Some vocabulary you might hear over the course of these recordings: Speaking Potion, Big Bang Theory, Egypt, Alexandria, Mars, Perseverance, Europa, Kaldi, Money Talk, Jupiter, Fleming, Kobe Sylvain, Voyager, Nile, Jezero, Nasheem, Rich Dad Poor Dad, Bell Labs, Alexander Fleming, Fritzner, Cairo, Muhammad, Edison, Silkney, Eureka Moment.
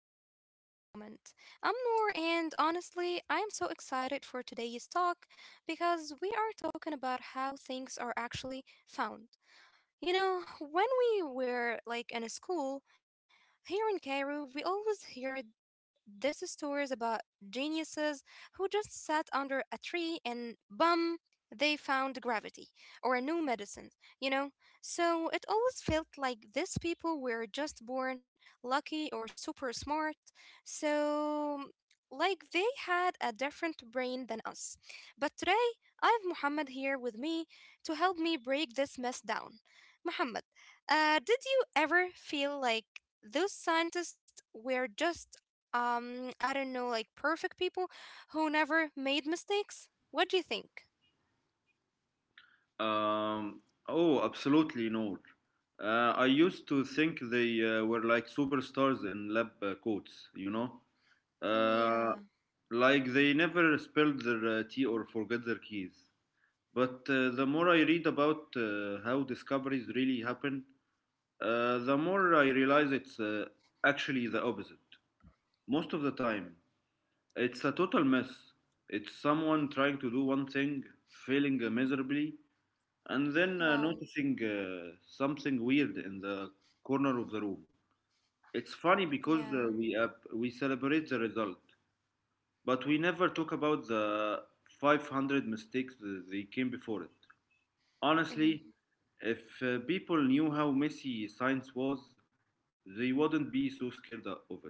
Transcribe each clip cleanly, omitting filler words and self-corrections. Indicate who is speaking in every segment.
Speaker 1: to the Eureka Moment. I'm Noor, and honestly, I am so excited for today's talk because we are talking about how things are actually found. You know, when we were like in a school here in Cairo, we always heard these stories about geniuses who just sat under a tree and bum, they found gravity or a new medicine, you know? So it always felt like these people were just born lucky or super smart. So, like, they had a different brain than us. But today, I have Muhammad here with me to help me break this mess down. Muhammad, did you ever feel like those scientists were just, I don't know, like perfect people who never made mistakes? What do you think?
Speaker 2: Um, oh, absolutely, Noor. I used to think they were like superstars in lab coats, you know?
Speaker 1: Yeah.
Speaker 2: Uh, like they never spilled their tea or forget their keys. But the more I read about how discoveries really happen, the more I realize it's actually the opposite. Most of the time, it's a total mess. It's someone trying to do one thing, failing miserably, and then
Speaker 1: Wow.
Speaker 2: noticing something weird in the corner of the room. It's funny because uh,
Speaker 1: Yeah.
Speaker 2: we uh, we celebrate the result, but we never talk about the 500 mistakes that they came before it. Honestly,
Speaker 1: Mm-hmm.
Speaker 2: if people knew how messy science was, they wouldn't be so scared of it.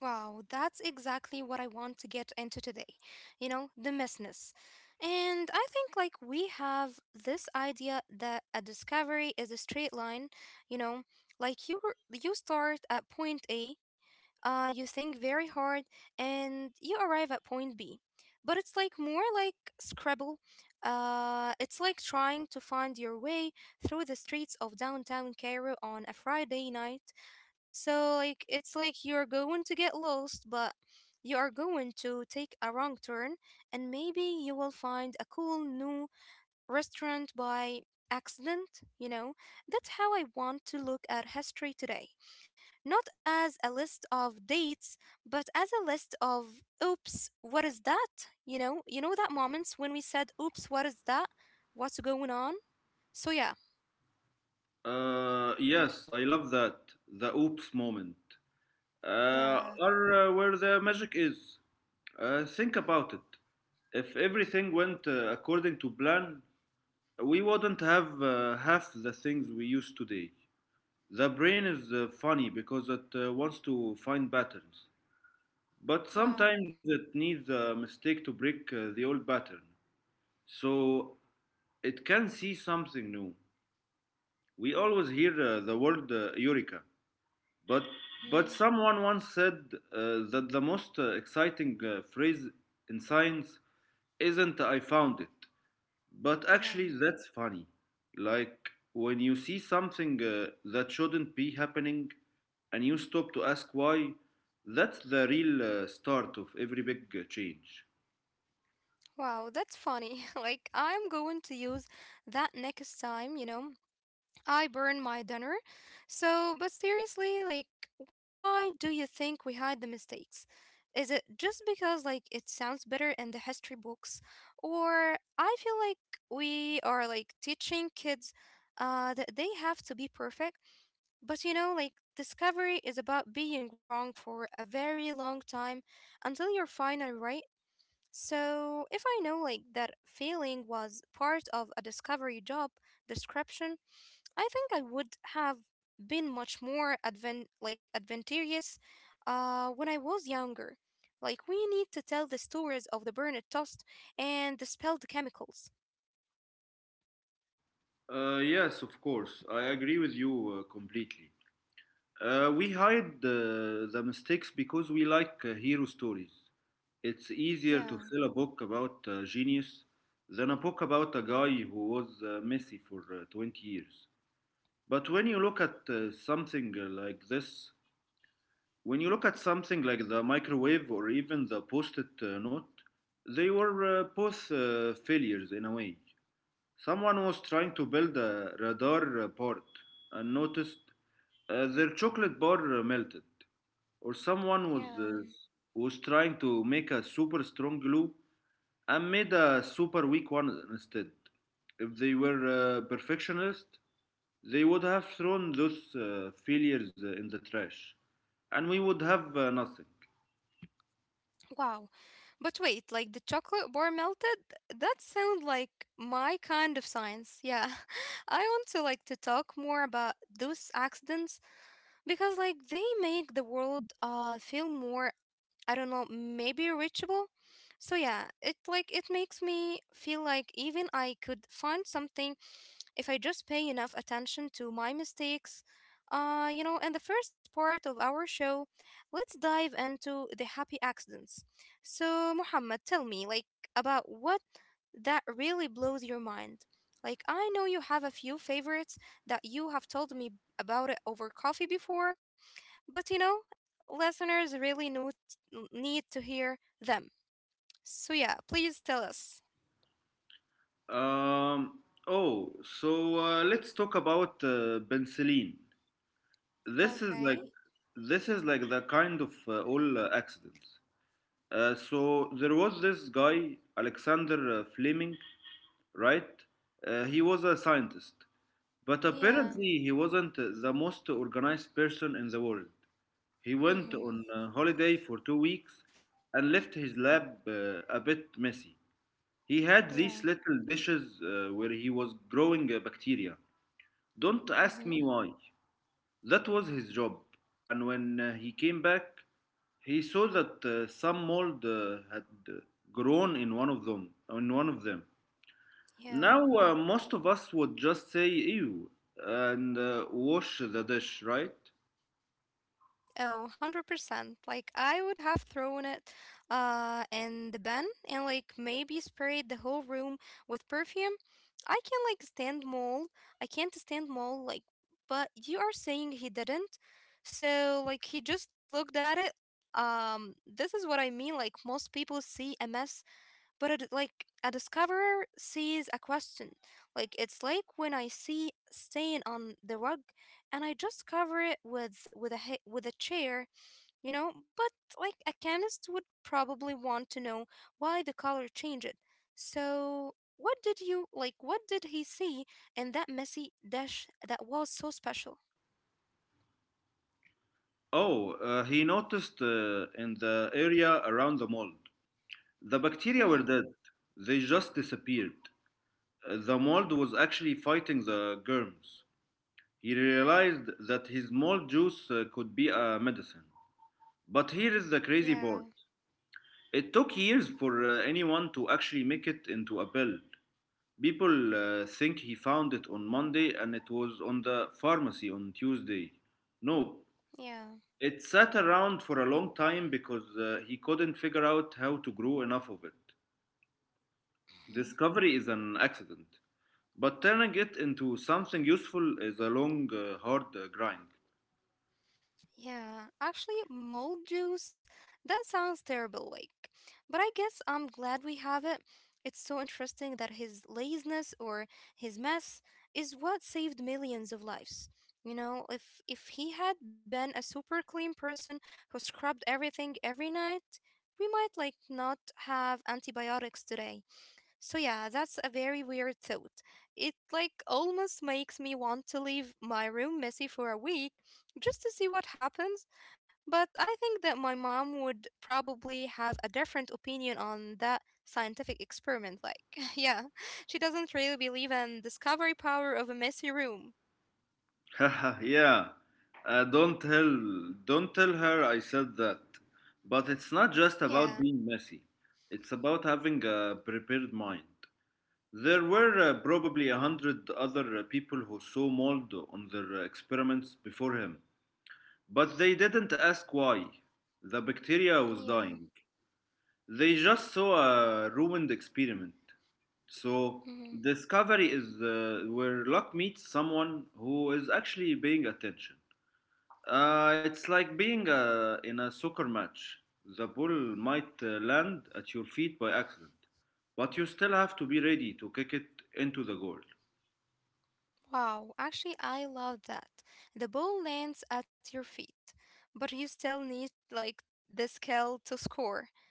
Speaker 1: Wow, that's exactly what I want to get into today. You know, the messiness. And I think like we have this idea that a discovery is a straight line, you know, like you start at point A, you think very hard and you arrive at point B. But it's like more like Scrabble. It's like trying to find your way through the streets of downtown Cairo on a Friday night, so like it's like you're going to get lost, but you are going to take a wrong turn and maybe you will find a cool new restaurant by accident, you know? That's how I want to look at history today. Not as a list of dates, but as a list of oops, what is that? You know that moments when we said oops, what is that? What's going on? So yeah.
Speaker 2: Yes, I love that the oops moment.
Speaker 1: Yeah.
Speaker 2: Or Where the magic is. Think about it. If everything went according to plan, we wouldn't have half the things we use today. The brain is funny because it wants to find patterns, but
Speaker 1: Wow.
Speaker 2: sometimes it needs a mistake to break the old pattern. So it can see something new. We always hear the word eureka, But
Speaker 1: Hmm.
Speaker 2: but someone once said that the most exciting phrase in science isn't "I found it," but
Speaker 1: Yeah.
Speaker 2: actually that's funny. Like when you see something that shouldn't be happening, and you stop to ask why. That's the real start of every big change.
Speaker 1: Wow, that's funny. Like, I'm going to use that next time, you know, I burn my dinner. So, but seriously, like, why do you think we hide the mistakes? Is it just because, like, it sounds better in the history books? Or I feel like we are, like, teaching kids that they have to be perfect. But, you know, like, discovery is about being wrong for a very long time until you're finally right. So, if I know like that feeling was part of a discovery job description, I think I would have been much more adventurous when I was younger. Like we need to tell the stories of the burned toast and the spilled chemicals.
Speaker 2: Yes, of course, I agree with you completely. We hide the mistakes because we like hero stories. It's easier
Speaker 1: Yeah,
Speaker 2: to sell a book about genius than a book about a guy who was messy for 20 years. But when you look at something like this, when you look at something like the microwave or even the post it note, they were both failures in a way. Someone was trying to build a radar port and noticed their chocolate bar melted or someone was uh,
Speaker 1: yeah.
Speaker 2: was trying to make a super strong glue and made a super weak one instead. If they were perfectionists, they would have thrown those failures in the trash, and we would have nothing.
Speaker 1: Wow. But wait, like the chocolate bar melted? That sounds like my kind of science. Yeah. I want to like to talk more about those accidents because like they make the world feel more, I don't know, maybe reachable. So yeah, it like it makes me feel like even I could find something if I just pay enough attention to my mistakes. You know, in the first part of our show, let's dive into the happy accidents. So Muhammad, tell me like about what that really blows your mind. Like I know you have a few favorites that you have told me about it over coffee before, but you know, listeners really need to hear them. So yeah, please tell us.
Speaker 2: Um, oh, so let's talk about penicillin. This is like
Speaker 1: Okay.
Speaker 2: this is like the kind of all accidents. So there was this guy Alexander Fleming, right? He was a scientist, but
Speaker 1: Yeah.
Speaker 2: apparently he wasn't the most organized person in the world. He went
Speaker 1: Mhm.
Speaker 2: on a holiday for 2 weeks and left his lab a bit messy. He had these
Speaker 1: Yeah.
Speaker 2: little dishes where he was growing bacteria. Don't ask me
Speaker 1: Mhm.
Speaker 2: why. That was his job. And when he came back, he saw that some mold had grown in one of them.
Speaker 1: Yeah.
Speaker 2: Now, most of us would just say ew and wash the dish, right?
Speaker 1: Oh, 100%. Like, I would have thrown it in the bin and, like, maybe sprayed the whole room with perfume. I can, like, stand mold. I can't stand mold, like, but you are saying he didn't. So, like, he just looked at it. This is what I mean. Like, most people see a mess, but it, like, a discoverer sees a question. Like it's like when I see stain on the rug and I just cover it with with a chair, you know. But like a chemist would probably want to know why the color changed. So what did you like what did he see in that messy dish that was so special?
Speaker 2: Oh, he noticed in the area around the mold. The bacteria were
Speaker 1: Hmm.
Speaker 2: dead, they just disappeared. The mold was actually fighting the germs. He realized that his mold juice could be a medicine. But here is the crazy
Speaker 1: Yeah.
Speaker 2: part, it took years for anyone to actually make it into a pill. People think he found it on Monday and it was on the pharmacy on Tuesday. Nope.
Speaker 1: Yeah.
Speaker 2: It sat around for a long time because he couldn't figure out how to grow enough of it. Discovery is an accident, but turning it into something useful is a long, hard grind.
Speaker 1: Yeah, actually, mold juice, that sounds terrible, like. But I guess I'm glad we have it. It's so interesting that his laziness or his mess is what saved millions of lives. You know, if he had been a super clean person who scrubbed everything every night, we might like not have antibiotics today. So yeah, that's a very weird thought. It like almost makes me want to leave my room messy for a week just to see what happens. But I think that my mom would probably have a different opinion on that scientific experiment. Like, yeah, she doesn't really believe in discovery power of a messy room.
Speaker 2: Yeah. Uh, don't tell don't tell her I said that. But it's not just
Speaker 1: Yeah,
Speaker 2: about being messy. It's about having a prepared mind. There were probably a hundred other people who saw mold on their experiments before him, but they didn't ask why. The bacteria was
Speaker 1: yeah.
Speaker 2: dying. They just saw a ruined experiment. So, discovery is where luck meets someone who is actually paying attention. It's like being in a soccer match. The ball might land at your feet by accident, but you still have to be ready to kick it into the goal.
Speaker 1: Wow, actually, I love that. The ball lands at your feet, but you still need like the skill to score.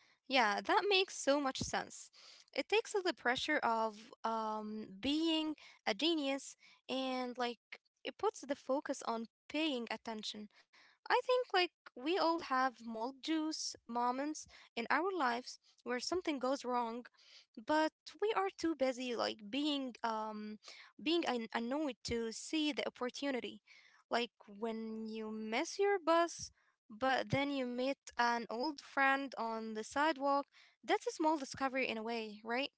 Speaker 1: Yeah, that makes so much sense. It takes the pressure of being a genius and like it puts the focus on paying attention. I think like we all have mold juice moments in our lives where something goes wrong, but we are too busy like being annoyed to see the opportunity. Like when you miss your bus but then you meet an old friend on the sidewalk, that's a small discovery in a way, right?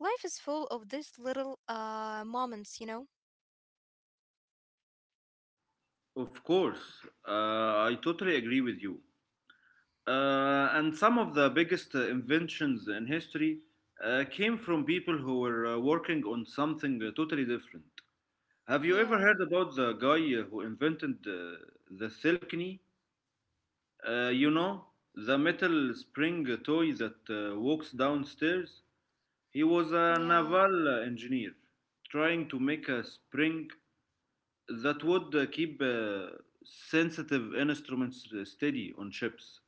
Speaker 1: Life is full of these little moments, you know.
Speaker 2: Of course, uh, I totally agree with you. And some of the biggest inventions in history came from people who were working on something totally different. Have you ever
Speaker 1: Yeah.
Speaker 2: heard about the guy who invented the Silkney? You know, the metal spring toy that walks downstairs? He was a
Speaker 1: Yeah.
Speaker 2: naval engineer trying to make a spring that would keep sensitive instruments steady on ships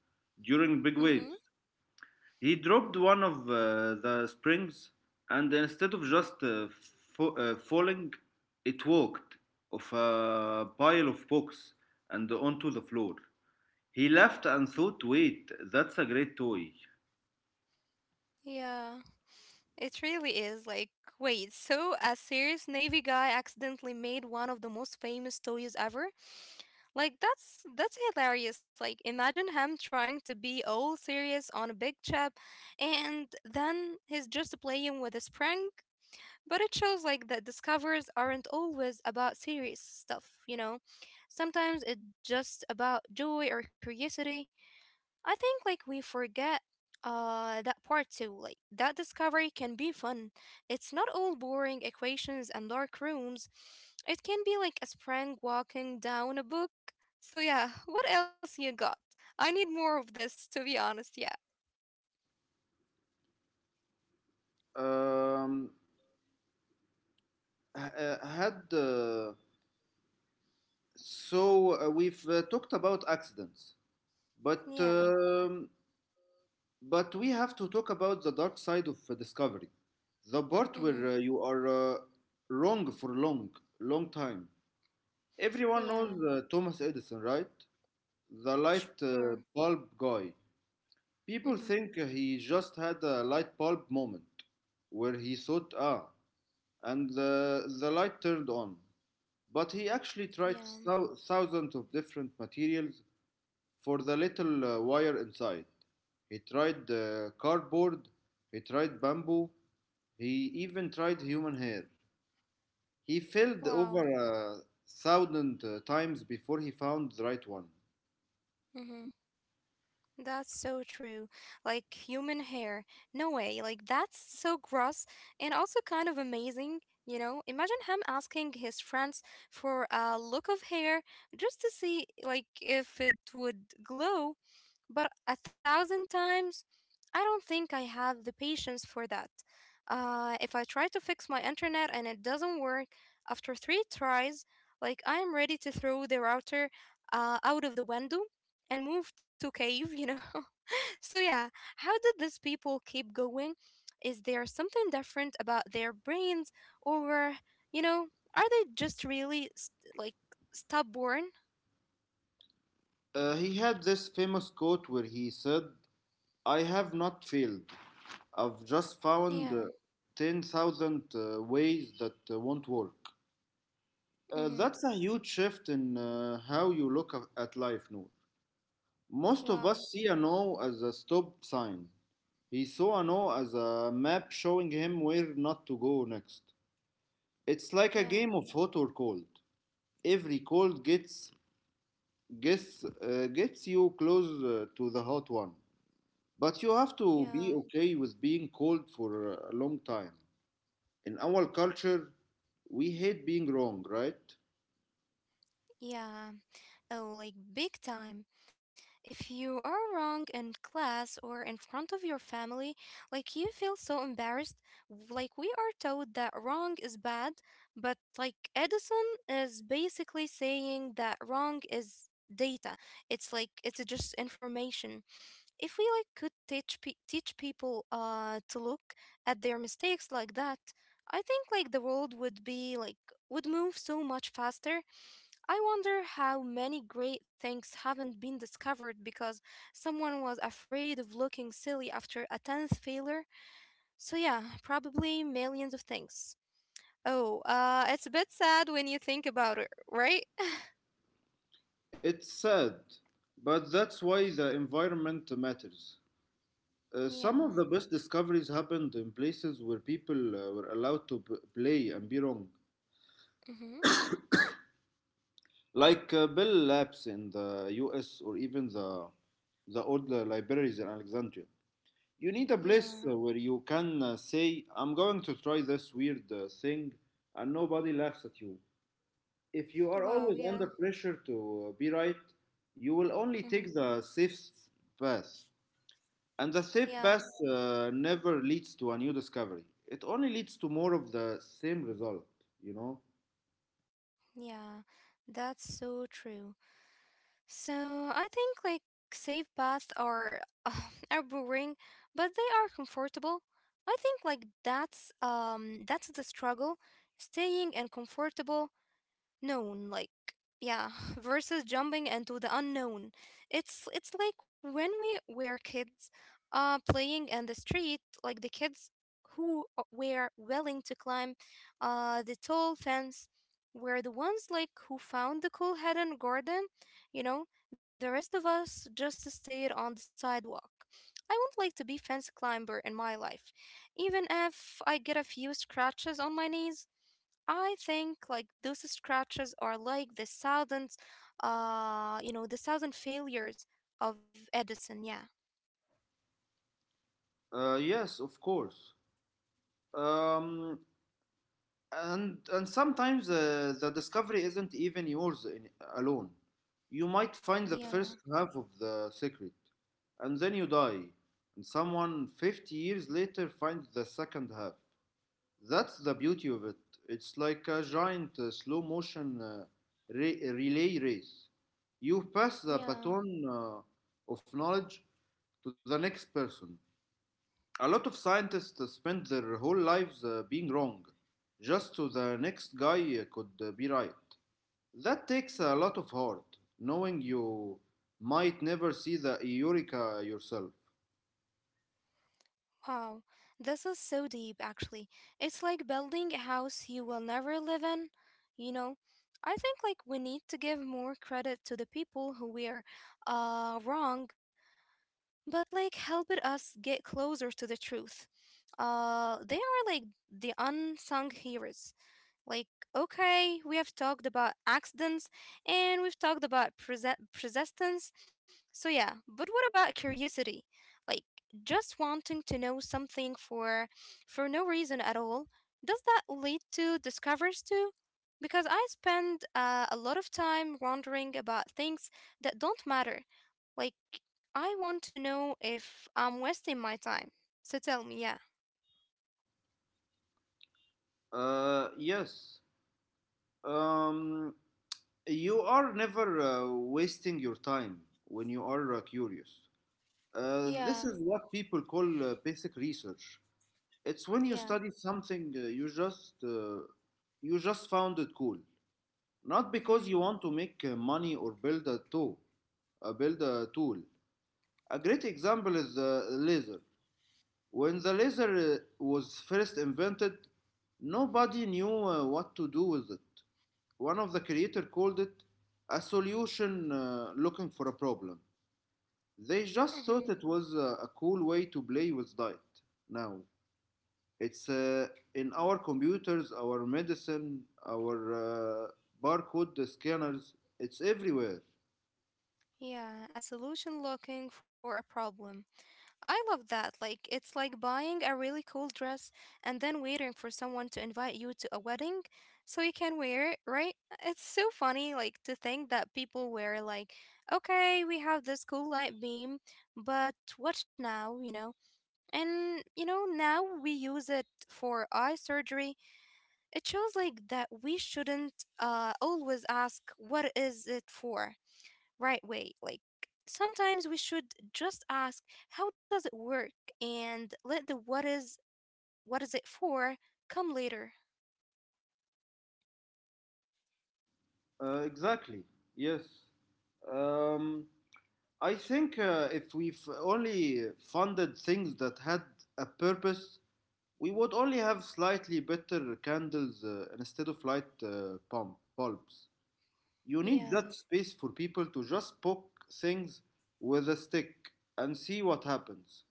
Speaker 2: during big
Speaker 1: Mm-hmm.
Speaker 2: waves. He dropped one of the springs, and instead of just falling, it walked off a pile of books and onto the floor. He laughed and thought, wait, that's a great toy.
Speaker 1: Yeah, it really is like wait, so a serious navy guy accidentally made one of the most famous toys ever. Like that's hilarious. Like imagine him trying to be all serious on a big chip and then he's just playing with a spring. But it shows like that discoveries aren't always about serious stuff, you know. Sometimes it's just about joy or curiosity. I think like we forget that part too. Like that discovery can be fun. It's not all boring equations and dark rooms. It can be like a spring walking down a book. So yeah, what else you got? I need more of this to be honest, yeah.
Speaker 2: Um, h- had so we've talked about accidents, but
Speaker 1: Yeah.
Speaker 2: um, But we have to talk about the dark side of discovery, the part where
Speaker 1: Mhm.
Speaker 2: you are wrong for long, long time. Everyone knows
Speaker 1: Yeah.
Speaker 2: Thomas Edison, right? The light
Speaker 1: Sure.
Speaker 2: bulb guy.
Speaker 1: Mhm.
Speaker 2: People think he just had a light bulb moment where he thought, ah, and the light turned on. But he actually
Speaker 1: Yeah.
Speaker 2: tried thousands of different materials for the little wire inside. He tried cardboard, he tried bamboo, he even tried human hair. He failed
Speaker 1: Wow.
Speaker 2: over a thousand times before he found the right one.
Speaker 1: Mhm. That's so true. Like human hair. No way. Like that's so gross and also kind of amazing, you know? Imagine him asking his friends for a look of hair just to see like if it would glow. But a thousand times, I don't think I have the patience for that. If I try to fix my internet and it doesn't work after three tries, like I am ready to throw the router out of the window and move to cave, you know. So yeah, how did these people keep going? Is there something different about their brains, or you know, are they just really stubborn?
Speaker 2: He had this famous quote where he said, I have not failed, I've just
Speaker 1: Yeah.
Speaker 2: found 10,000 ways that won't work.
Speaker 1: Mm-hmm.
Speaker 2: That's a huge shift in how you look at life, Noor. Most of
Speaker 1: Wow.
Speaker 2: us see a no as a stop sign. He saw a no as a map showing him where not to go next. It's like a
Speaker 1: Yeah.
Speaker 2: game of hot or cold. Every cold gets you close to the hot one. But you have to
Speaker 1: Yeah.
Speaker 2: be okay with being cold for a long time. In our culture, we hate being wrong, right?
Speaker 1: Yeah, oh, like big time. If you are wrong in class or in front of your family, like you feel so embarrassed. Like we are told that wrong is bad, but like Edison is basically saying that wrong is data. It's like it's just information. If we like could teach people to look at their mistakes like that, I think like the world would be like would move so much faster. I wonder how many great things haven't been discovered because someone was afraid of looking silly after a 10th failure. So, yeah, probably millions of things. Oh, it's a bit sad when you think about it, right?
Speaker 2: It's sad, but that's why the environment matters.
Speaker 1: Yeah.
Speaker 2: Some of the best discoveries happened in places where people were allowed to play and be wrong,
Speaker 1: Mm-hmm.
Speaker 2: like Bell Labs in the US or even the old libraries in Alexandria. You need a
Speaker 1: Yeah.
Speaker 2: place where you can say, I'm going to try this weird thing, and nobody laughs at you. If you are
Speaker 1: Wow,
Speaker 2: always
Speaker 1: yeah.
Speaker 2: under pressure to be right, you will only
Speaker 1: Mm-hmm.
Speaker 2: take the safest path. And the
Speaker 1: Yeah.
Speaker 2: safe path never leads to a new discovery. It only leads to more of the same result, you know?
Speaker 1: Yeah. That's so true. So I think like safe baths are are boring, but they are comfortable. I think like that's the struggle, staying and comfortable known like yeah versus jumping into the unknown. It's like when we were kids playing in the street, like the kids who were willing to climb the tall fence were the ones like who found the cool hidden garden, you know. The rest of us just stayed on the sidewalk. I would like to be fence climber in my life, even if I get a few scratches on my knees. I think like those scratches are like the thousand, you know, the thousand failures of Edison. Yeah.
Speaker 2: Yes, of course. Um, and sometimes the discovery isn't even yours in, alone. You might find the first
Speaker 1: Yeah,
Speaker 2: half of the secret, and then you die, and someone 50 years later finds the second half. That's the beauty of it. It's like a giant slow motion relay race. You pass the
Speaker 1: yeah.
Speaker 2: baton of knowledge to the next person. A lot of scientists spend their whole lives being wrong, just so the next guy could be right. That takes a lot of heart, knowing you might never see the Eureka yourself.
Speaker 1: Wow. This is so deep, actually. It's like building a house you will never live in, you know? I think like we need to give more credit to the people who were wrong but like helped us get closer to the truth. They are like the unsung heroes. Like, okay, we have talked about accidents and we've talked about persistence. So, yeah, but what about curiosity? Like, just wanting to know something for no reason at all. Does that lead to discoveries too? Because I spend a lot of time wondering about things that don't matter. Like, I want to know if I'm wasting my time. So tell me, yeah.
Speaker 2: Yes. Um, you are never wasting your time when you are curious.
Speaker 1: Yeah,
Speaker 2: This is what people call basic research. It's when you
Speaker 1: yeah.
Speaker 2: study something you just found it cool, not because you want to make money or build a tool. Uh, build a tool. A great example is the laser. When the laser was first invented, nobody knew what to do with it. One of the creator called it a solution looking for a problem. They just thought
Speaker 1: Mm-hmm.
Speaker 2: it was a cool way to play with diet. Now it's in our computers, our medicine, our barcode scanners. It's everywhere.
Speaker 1: Yeah, a solution looking for a problem. I love that. Like, it's like buying a really cool dress and then waiting for someone to invite you to a wedding so you can wear it, right? It's so funny, like, to think that people wear, like, okay, we have this cool light beam, but what now, And, now we use it for eye surgery. It shows, like, that we shouldn't always ask, what is it for? Right way. Like sometimes we should just ask, how does it work? And let the what is it for come later.
Speaker 2: Exactly. Yes. Um, I think if we've only funded things that had a purpose, we would only have slightly better candles instead of light pump bulbs. You need that
Speaker 1: Yeah,
Speaker 2: space for people to just poke things with a stick and see what happens.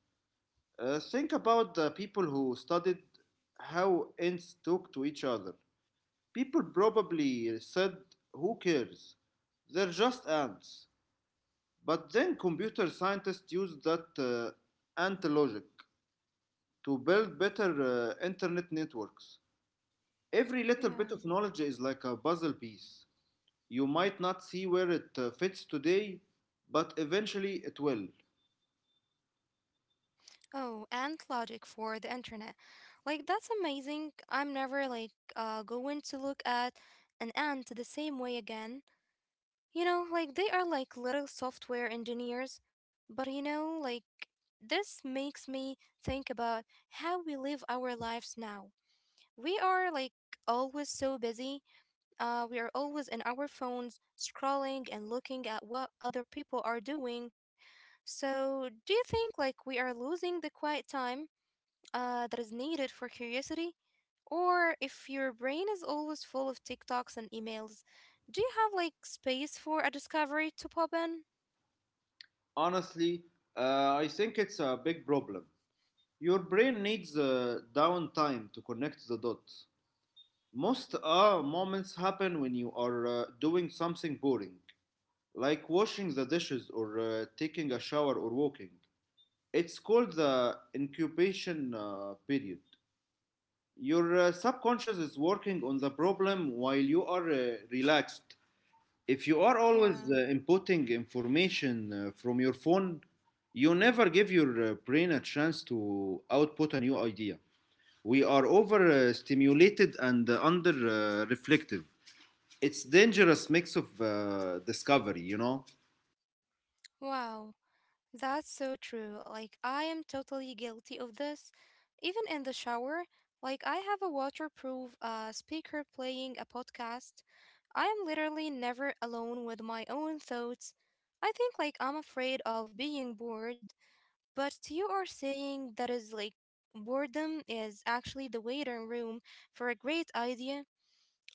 Speaker 2: Think about the people who studied how ants talk to each other. People probably said, who cares? They're just ants. But then computer scientists used that ant logic to build better internet networks. Every little
Speaker 1: yeah.
Speaker 2: bit of knowledge is like a puzzle piece. You might not see where it fits today, but eventually it will.
Speaker 1: Oh, and logic for the internet. Like that's amazing. I'm never like going to look at an ant the same way again. You know, like they are like little software engineers, but like this makes me think about how we live our lives now. We are like always so busy. We are always in our phones scrolling and looking at what other people are doing. So, do you think like we are losing the quiet time that is needed for curiosity? Or if your brain is always full of TikToks and emails, do you have like space for a discovery to pop in?
Speaker 2: Honestly, I think it's a big problem. Your brain needs downtime to connect the dots. Most moments happen when you are doing something boring, like washing the dishes or taking a shower or walking. It's called the incubation period. Your subconscious is working on the problem while you are relaxed. If you are always
Speaker 1: Yeah.
Speaker 2: inputting information from your phone, you never give your brain a chance to output a new idea. We are overstimulated and under reflective. It's dangerous mix of discovery.
Speaker 1: Wow. That's so true. Like, I am totally guilty of this. Even in the shower, like, I have a waterproof speaker playing a podcast. I am literally never alone with my own thoughts. I think, like, I'm afraid of being bored, but you are saying that is like boredom is actually the waiting room for a great idea.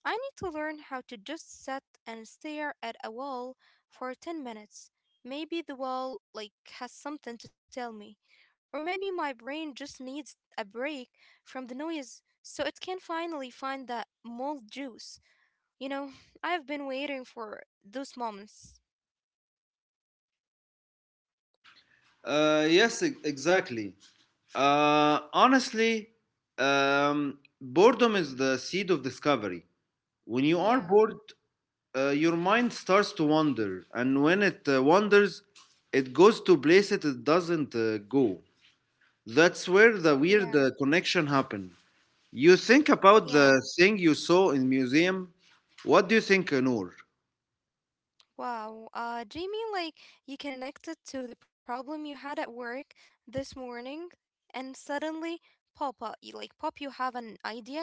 Speaker 1: I need to learn how to just sit and stare at a wall for 10 minutes. Maybe the wall like has something to tell me, or maybe my brain just needs a break from the noise so it can finally find that mold juice. You know, I've been waiting for those moments.
Speaker 2: Yes, exactly. Honestly, boredom is the seed of discovery. When you are
Speaker 1: Yeah,
Speaker 2: bored, your mind starts to wander, and when it wanders, it goes to places it doesn't go. That's where the
Speaker 1: yeah,
Speaker 2: weird connection happened. You think about the
Speaker 1: yeah.
Speaker 2: thing you saw in museum. What do you think, Noor?
Speaker 1: Wow, Jamie, like you connected to the problem you had at work this morning, and suddenly, pop, pop, you have an idea.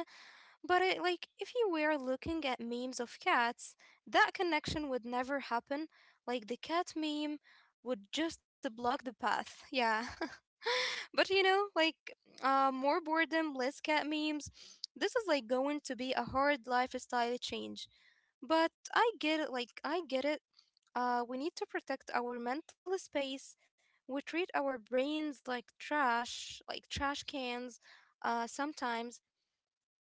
Speaker 1: But it, like, if you were looking at memes of cats, that connection would never happen. Like the cat meme would just block the path. Yeah, but like, more boredom, less cat memes. This is like going to be a hard lifestyle change. But I get it, like, I get it. We need to protect our mental space. We treat our brains like trash cans, sometimes,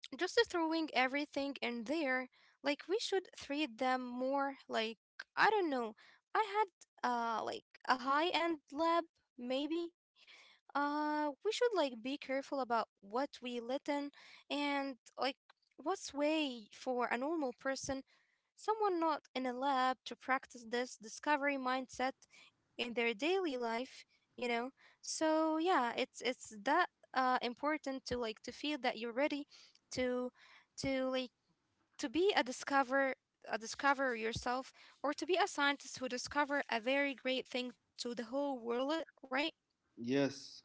Speaker 1: just throwing everything in there. Like, we should treat them more like, I don't know. I had, like, a high end lab, maybe we should like be careful about what we let in and like what's way for a normal person, someone not in a lab, to practice this discovery mindset in their daily life, you know so yeah, it's that important to like to feel that you're ready to to like to be a discover a discoverer yourself, or to be a scientist who discover a very great thing to the whole world, right?
Speaker 2: Yes.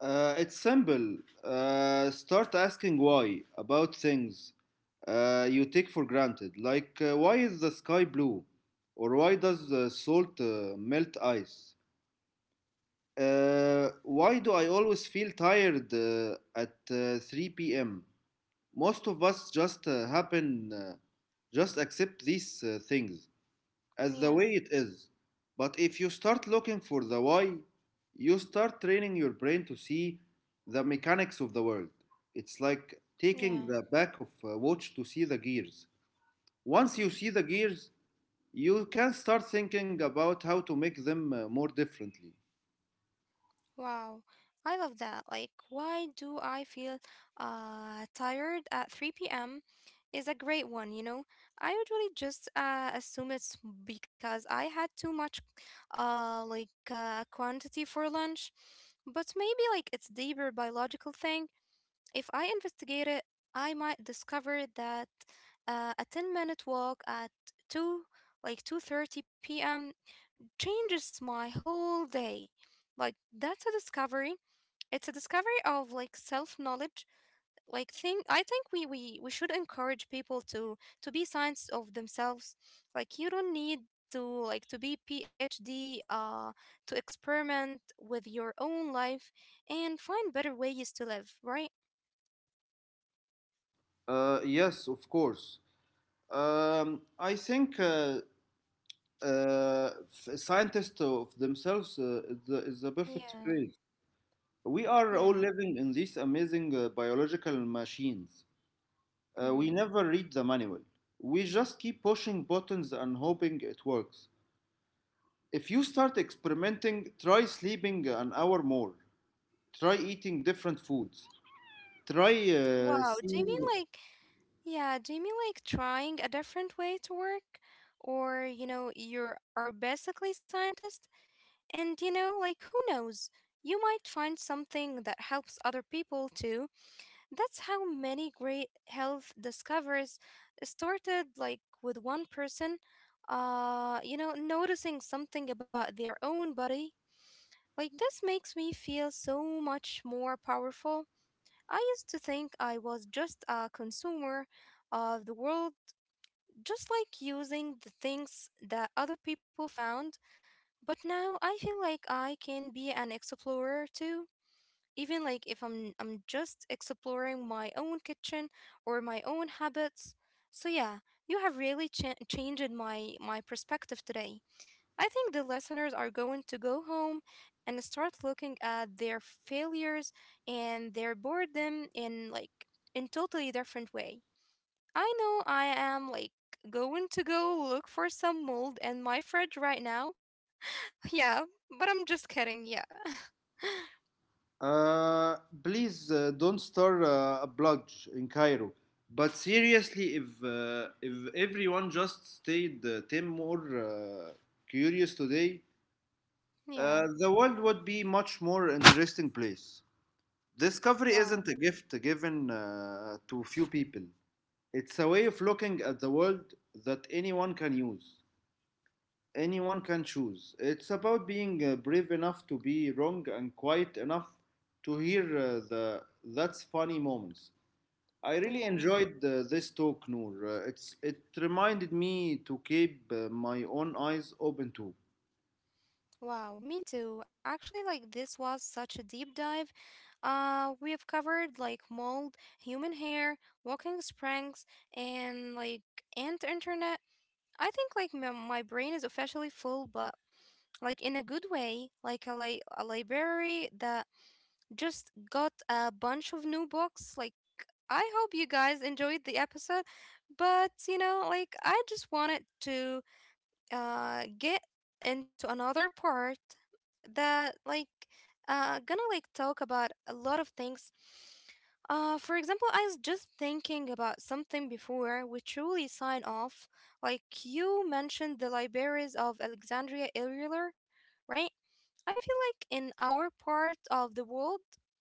Speaker 2: It's simple. Start asking why about things you take for granted, like why is the sky blue, or why does the salt melt ice? Why do I always feel tired at 3 p.m.? Most of us just just accept these things as the way
Speaker 1: Yeah,
Speaker 2: it is. But if you start looking for the why, you start training your brain to see the mechanics of the world. It's like taking
Speaker 1: yeah.
Speaker 2: the back of a watch to see the gears. Once you see the gears, you can start thinking about how to make them more differently.
Speaker 1: Wow, I love that. Like, why do I feel tired at 3 p.m. is a great one, I usually just assume it's because I had too much quantity for lunch, but maybe like it's deeper biological thing. If I investigate it, I might discover that a 10-minute walk at 2 like 2:30 p.m. changes my whole day. Like that's a discovery, it's a discovery of like self-knowledge. Like thing I think we should encourage people to be science of themselves. Like you don't need to like to be PhD to experiment with your own life and find better ways to live, right?
Speaker 2: Yes, of course. I think scientists of themselves is the
Speaker 1: Yeah.
Speaker 2: perfect phrase. We are
Speaker 1: Yeah.
Speaker 2: all living in these amazing biological machines. We
Speaker 1: Mm-hmm.
Speaker 2: never read the manual. We just keep pushing buttons and hoping it works. If you start experimenting, try sleeping an hour more. Try eating different foods. Try
Speaker 1: Wow, do you mean
Speaker 2: seeing.
Speaker 1: like trying a different way to work? Or, you know, you are basically scientist. And like, who knows? You might find something that helps other people too. That's how many great health discoveries started, like, with one person, noticing something about their own body. Like, this makes me feel so much more powerful. I used to think I was just a consumer of the world, just like using the things that other people found, but now I feel like I can be an explorer too. Even like if I'm just exploring my own kitchen or my own habits. So yeah, you have really changed my perspective today. I think the listeners are going to go home and start looking at their failures and their boredom in totally different way. I know I am like going to go look for some mold in my fridge right now, yeah, but I'm just kidding. Yeah.
Speaker 2: Uh, please don't start a blog in Cairo. But seriously, if everyone just stayed 10 more curious today,
Speaker 1: Yeah.
Speaker 2: the world would be much more interesting place. Discovery isn't
Speaker 1: Wow.
Speaker 2: a gift given to few people. It's a way of looking at the world that anyone can use. Anyone can choose. It's about being brave enough to be wrong and quiet enough to hear the that's funny moments. I really
Speaker 1: Yeah.
Speaker 2: enjoyed this talk, Noor. It reminded me to keep my own eyes open too.
Speaker 1: Wow. Me too. Actually, like this was such a deep dive. We have covered like mold, human hair, walking springs, and like ant internet. I think like my brain is officially full, but like in a good way, like a a library that just got a bunch of new books. Like I hope you guys enjoyed the episode, but like I just wanted to get into another part that like gonna like talk about a lot of things. For example, I was just thinking about something before we truly sign off. Like you mentioned the libraries of Alexandria earlier, right? I feel like in our part of the world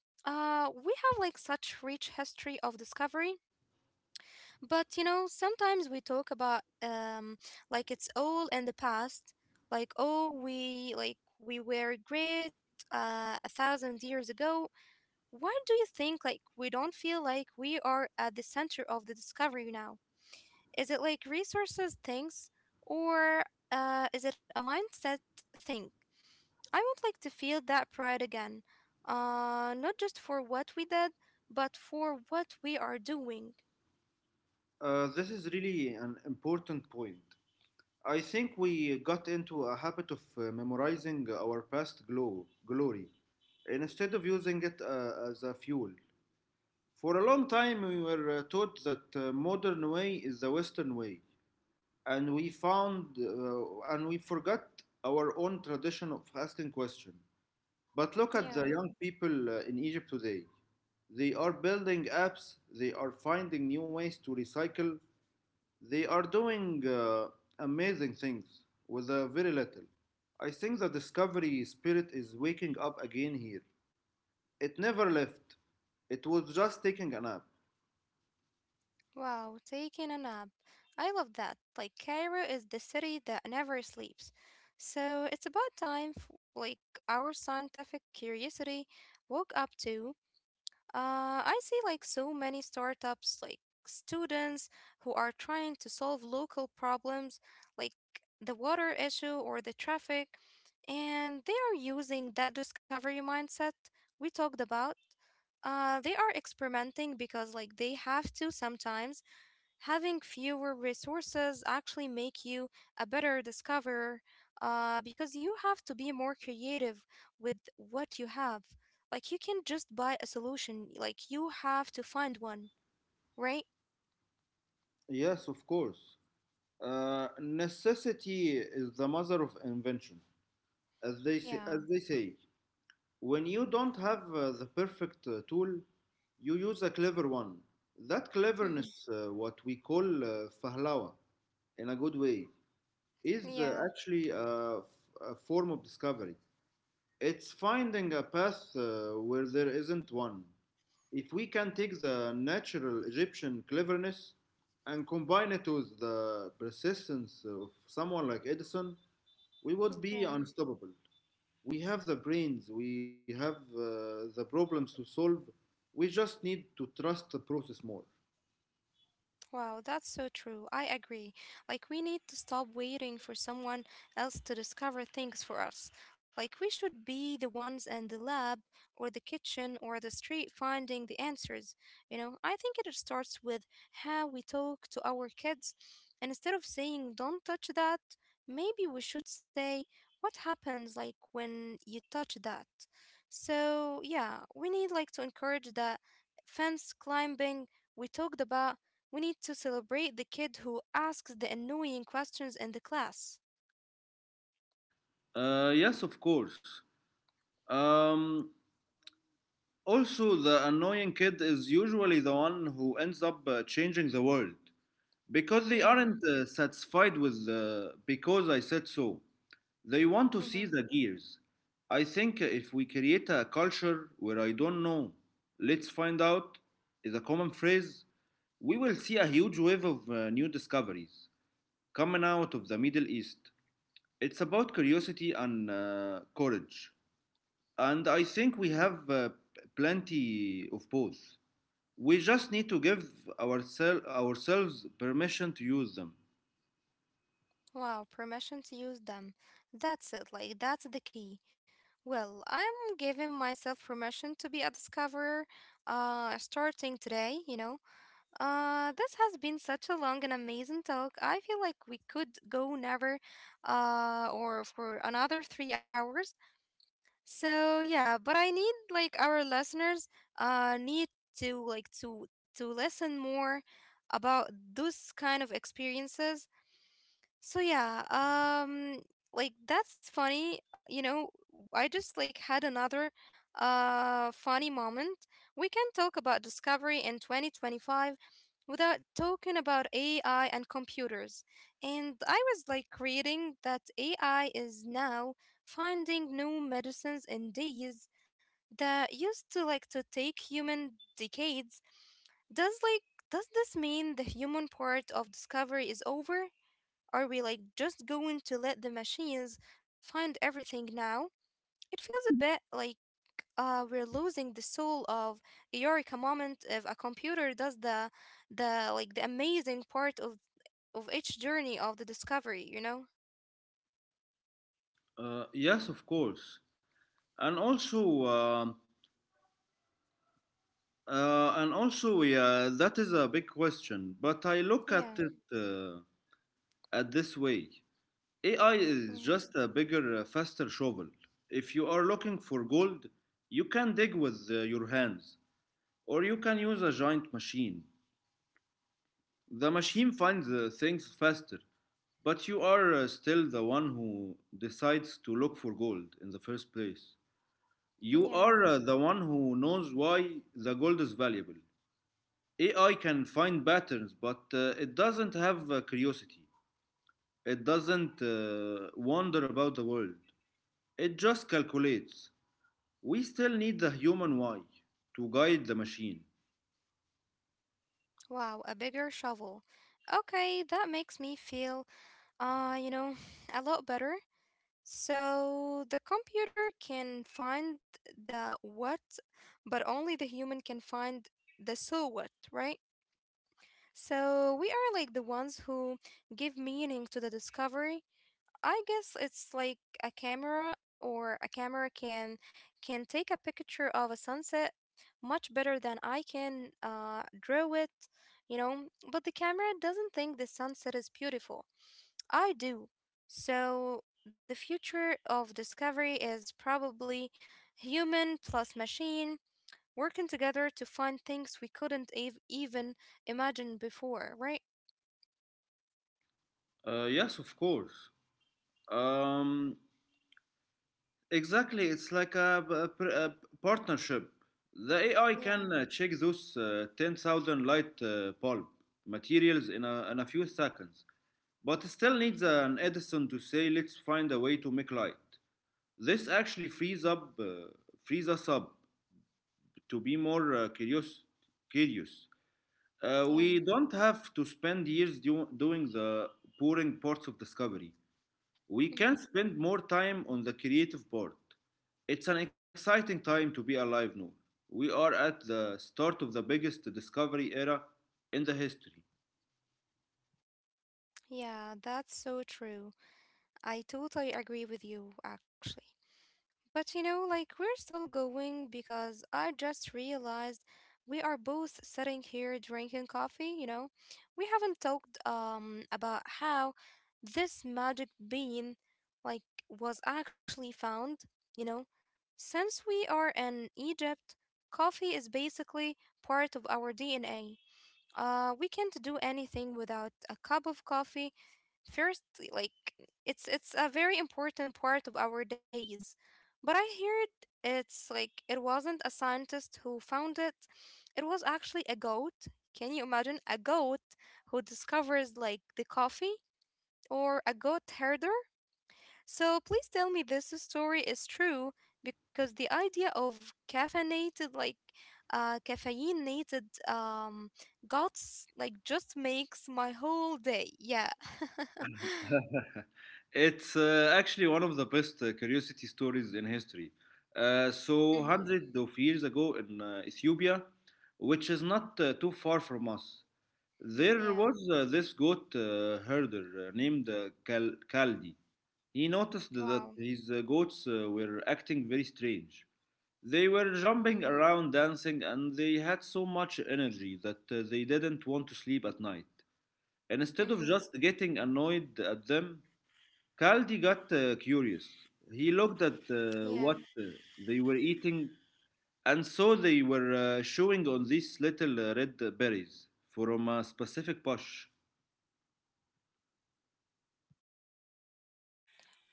Speaker 1: we have like such rich history of discovery, but sometimes we talk about like it's all in the past, like oh we like we were great a thousand years ago. Why do you think like we don't feel like we are at the center of the discovery now? Is it like resources things or is it a mindset thing? I would like to feel that pride again. Not just for what we did, but for what we are doing.
Speaker 2: This is really an important point. I think we got into a habit of memorizing our past glory instead of using it as a fuel. For a long time, we were taught that modern way is the Western way, and we found and we forgot our own tradition of asking questions. But look at
Speaker 1: Yeah.
Speaker 2: the young people in Egypt today. They are building apps, they are finding new ways to recycle, they are doing amazing things with very little. I think the discovery spirit is waking up again here. It never left, it was just taking a nap.
Speaker 1: Wow, taking a nap. I love that. Like Cairo is the city that never sleeps. So it's about time like our scientific curiosity woke up too. I see like so many startups, like students, who are trying to solve local problems like the water issue or the traffic, and they are using that discovery mindset we talked about. They are experimenting because like they have to. Sometimes having fewer resources actually make you a better discoverer, because you have to be more creative with what you have. Like you can just buy a solution, like you have to find one, right?
Speaker 2: Yes, of course. Necessity is the mother of invention, as they say.
Speaker 1: Yeah.
Speaker 2: As they say. When you don't have the perfect tool, you use a clever one. That
Speaker 1: Hmm.
Speaker 2: cleverness, what we call fahlawa, in a good way. is uh,
Speaker 1: Yeah,
Speaker 2: actually a, f- a form of discovery. It's finding a path where there isn't one. If we can take the natural Egyptian cleverness and combine it with the persistence of someone like Edison, we would be
Speaker 1: yeah.
Speaker 2: unstoppable. We have the brains, we have the problems to solve. We just need to trust the process more.
Speaker 1: Wow, that's so true. I agree. Like, we need to stop waiting for someone else to discover things for us. Like, we should be the ones in the lab or the kitchen or the street finding the answers. You know, I think it starts with how we talk to our kids. And instead of saying, don't touch that, maybe we should say, what happens like when you touch that? So, yeah, we need like to encourage that fence climbing we talked about. We need to celebrate the kid who asks the annoying questions in the class.
Speaker 2: Yes, of course. Um, Also, the annoying kid is usually the one who ends up changing the world because they
Speaker 1: Yeah.
Speaker 2: aren't satisfied with the because I said so. They want to
Speaker 1: Mm-hmm.
Speaker 2: see the gears. I think if we create a culture where I don't know, let's find out is a common phrase, we will see a huge wave of new discoveries coming out of the Middle East. It's about curiosity and courage and I think we have plenty of both. We just need to give ourselves permission to use them.
Speaker 1: Wow, permission to use them. That's it, like, that's the key. Well, I'm giving myself permission to be a discoverer starting today, This has been such a long and amazing talk. I feel like we could go never or for another 3 hours. So yeah, but I need like our listeners need to to listen more about those kind of experiences. So yeah, like that's funny, you know, I just like had another funny moment. We can talk about discovery in 2025 without talking about AI and computers. And I was like reading that AI is now finding new medicines and days that used to like to take human decades. Does like does this mean the human part of discovery is over? Are we like just going to let the machines find everything now? It feels a bit like we're losing the soul of a eureka moment if a computer does the amazing part of each journey of the discovery, you know?
Speaker 2: Yes, of course, and also. And also, yeah, that is a big question. But I look at
Speaker 1: Yeah.
Speaker 2: it at this way: AI is
Speaker 1: Mm,
Speaker 2: just a bigger, faster shovel. If you are looking for gold, you can dig with your hands, or you can use a giant machine. The machine finds things faster, but you are still the one who decides to look for gold in the first place. You
Speaker 1: yeah.
Speaker 2: are the one who knows why the gold is valuable. AI can find patterns, but it doesn't have curiosity. It doesn't wander about the world. It just calculates. We still need the human why to guide the machine.
Speaker 1: Wow, a bigger shovel. Okay, that makes me feel, uh, you know, a lot better. So the computer can find the what, but only the human can find the so what, right? So we are like the ones who give meaning to the discovery. I guess it's like a camera can take a picture of a sunset much better than I can draw it, you know, but the camera doesn't think the sunset is beautiful. I do. So, the future of discovery is probably human plus machine working together to find things we couldn't even imagine before, right?
Speaker 2: Yes, of course. Um, Exactly, it's like a, p- a pr- a partnership. The AI
Speaker 1: Yeah,
Speaker 2: can check those 10,000 light bulb materials in a few seconds, but it still needs an Edison to say, let's find a way to make light. This actually frees us up to be more curious. We
Speaker 1: yeah.
Speaker 2: don't have to spend years doing the boring parts of discovery. We can
Speaker 1: hmm
Speaker 2: spend more time on the creative part. It's an exciting time to be alive now. We are at the start of the biggest discovery era in the history.
Speaker 1: Yeah, that's so true. I totally agree with you, actually. But you know, like we're still going because I just realized we are both sitting here drinking coffee, you know. We haven't talked about how this magic bean like was actually found, you know. Since we are in Egypt, coffee is basically part of our DNA. We can't do anything without a cup of coffee first, like it's a very important part of our days. But I heard it wasn't a scientist who found it. It was actually a goat. Can you imagine a goat who discovers the coffee, or a goat herder? So please tell me this story is true because the idea of caffeinated goats just makes my whole day. Yeah.
Speaker 2: It's actually one of the best curiosity stories in history.
Speaker 1: Mm-hmm.
Speaker 2: Hundreds of years ago in Ethiopia, which is not too far from us, there was
Speaker 1: Yeah.
Speaker 2: this goat herder named Kaldi. He noticed that
Speaker 1: Wow.
Speaker 2: his goats were acting very strange. They were jumping
Speaker 1: Mm-hmm.
Speaker 2: around, dancing, and they had so much energy that they didn't want to sleep at night. Instead of
Speaker 1: Mm-hmm.
Speaker 2: just getting annoyed at them, Kaldi got curious. He looked at uh,
Speaker 1: Yeah.
Speaker 2: what uh, they were eating and saw they were chewing on these little red berries from a specific bush.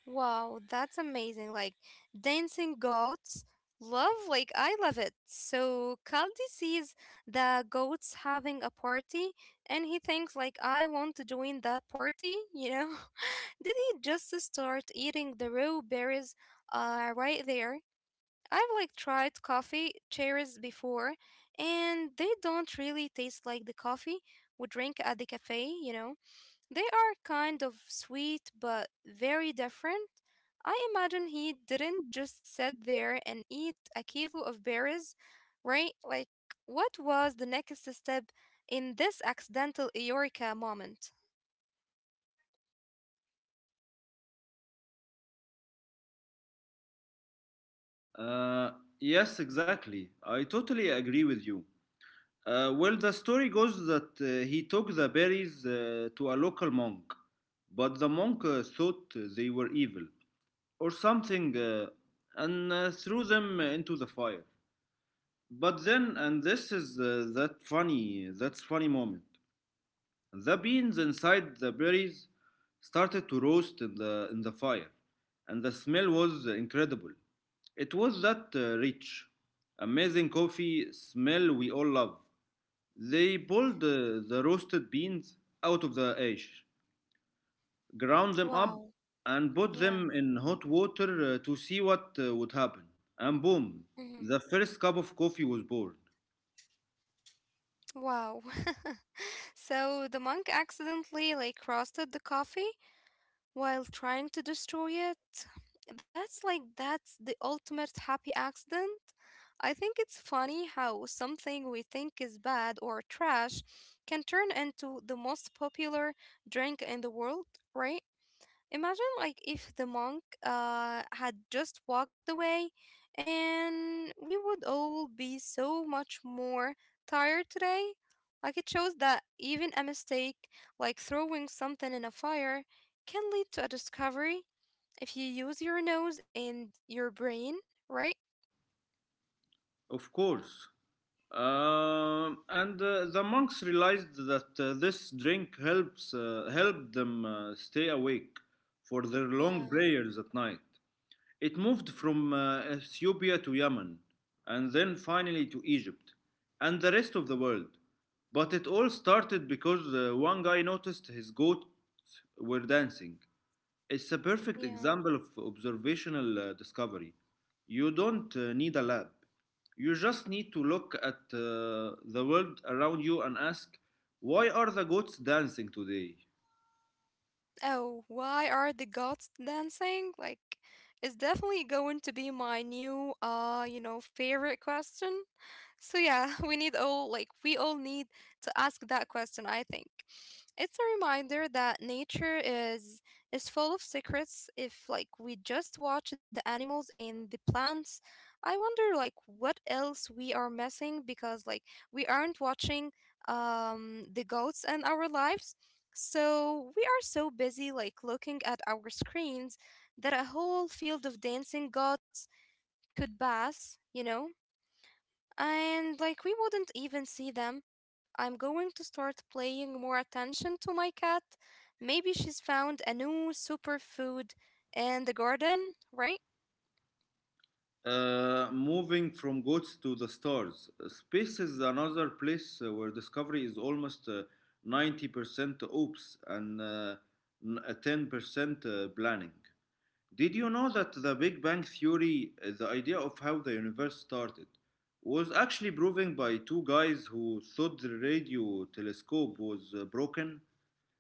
Speaker 1: Wow, that's amazing. Like dancing goats. Love, I love it. So Kaldi sees the goats having a party and he thinks, I want to join that party, you know? Did he just start eating the raw berries right there? I've tried coffee cherries before, and they don't really taste like the coffee we drink at the cafe, you know? They are kind of sweet but very different. I imagine he didn't just sit there and eat a kilo of berries, right? Like, what was the next step in this accidental Eureka moment?
Speaker 2: Uh, yes, exactly. I totally agree with you. Well, the story goes that he took the berries to a local monk, but the monk thought they were evil or something and threw them into the fire. But then, and this is that's funny moment. The beans inside the berries started to roast in the fire, and the smell was incredible. It was that rich, amazing coffee smell we all love. They pulled the roasted beans out of the ash, ground them up,
Speaker 1: Wow.
Speaker 2: and put
Speaker 1: Yeah.
Speaker 2: them in hot water to see what would happen. And boom,
Speaker 1: hmm
Speaker 2: the first cup of coffee was born.
Speaker 1: Wow. So the monk accidentally roasted the coffee while trying to destroy it. That's the ultimate happy accident. I think it's funny how something we think is bad or trash can turn into the most popular drink in the world, right? Imagine, if the monk had just walked away, and we would all be so much more tired today. Like it shows that even a mistake, like throwing something in a fire, can lead to a discovery if you use your nose and your brain, right?
Speaker 2: Of course. And the monks realized that this drink helps helped them stay awake for their long
Speaker 1: Yeah,
Speaker 2: prayers at night. It moved from Ethiopia to Yemen and then finally to Egypt and the rest of the world. But it all started because one guy noticed his goats were dancing. It's a perfect
Speaker 1: yeah.
Speaker 2: example of observational discovery. You don't need a lab. You just need to look at the world around you and ask, why are the goats dancing today?
Speaker 1: Oh, why are the gods dancing? Like, it's definitely going to be my new, you know, favorite question. So yeah, we all need to ask that question, I think. It's a reminder that nature is full of secrets if we just watch the animals and the plants. I wonder what else we are missing because we aren't watching the goats and our lives. So we are so busy looking at our screens that a whole field of dancing goats could pass, you know? And we wouldn't even see them. I'm going to start paying more attention to my cat. Maybe she's found a new superfood in the garden, right?
Speaker 2: Moving from goats to the stars, space is another place where discovery is almost 90% oops and 10% planning. Did you know that the Big Bang Theory, the idea of how the universe started, was actually proven by two guys who thought the radio telescope was broken?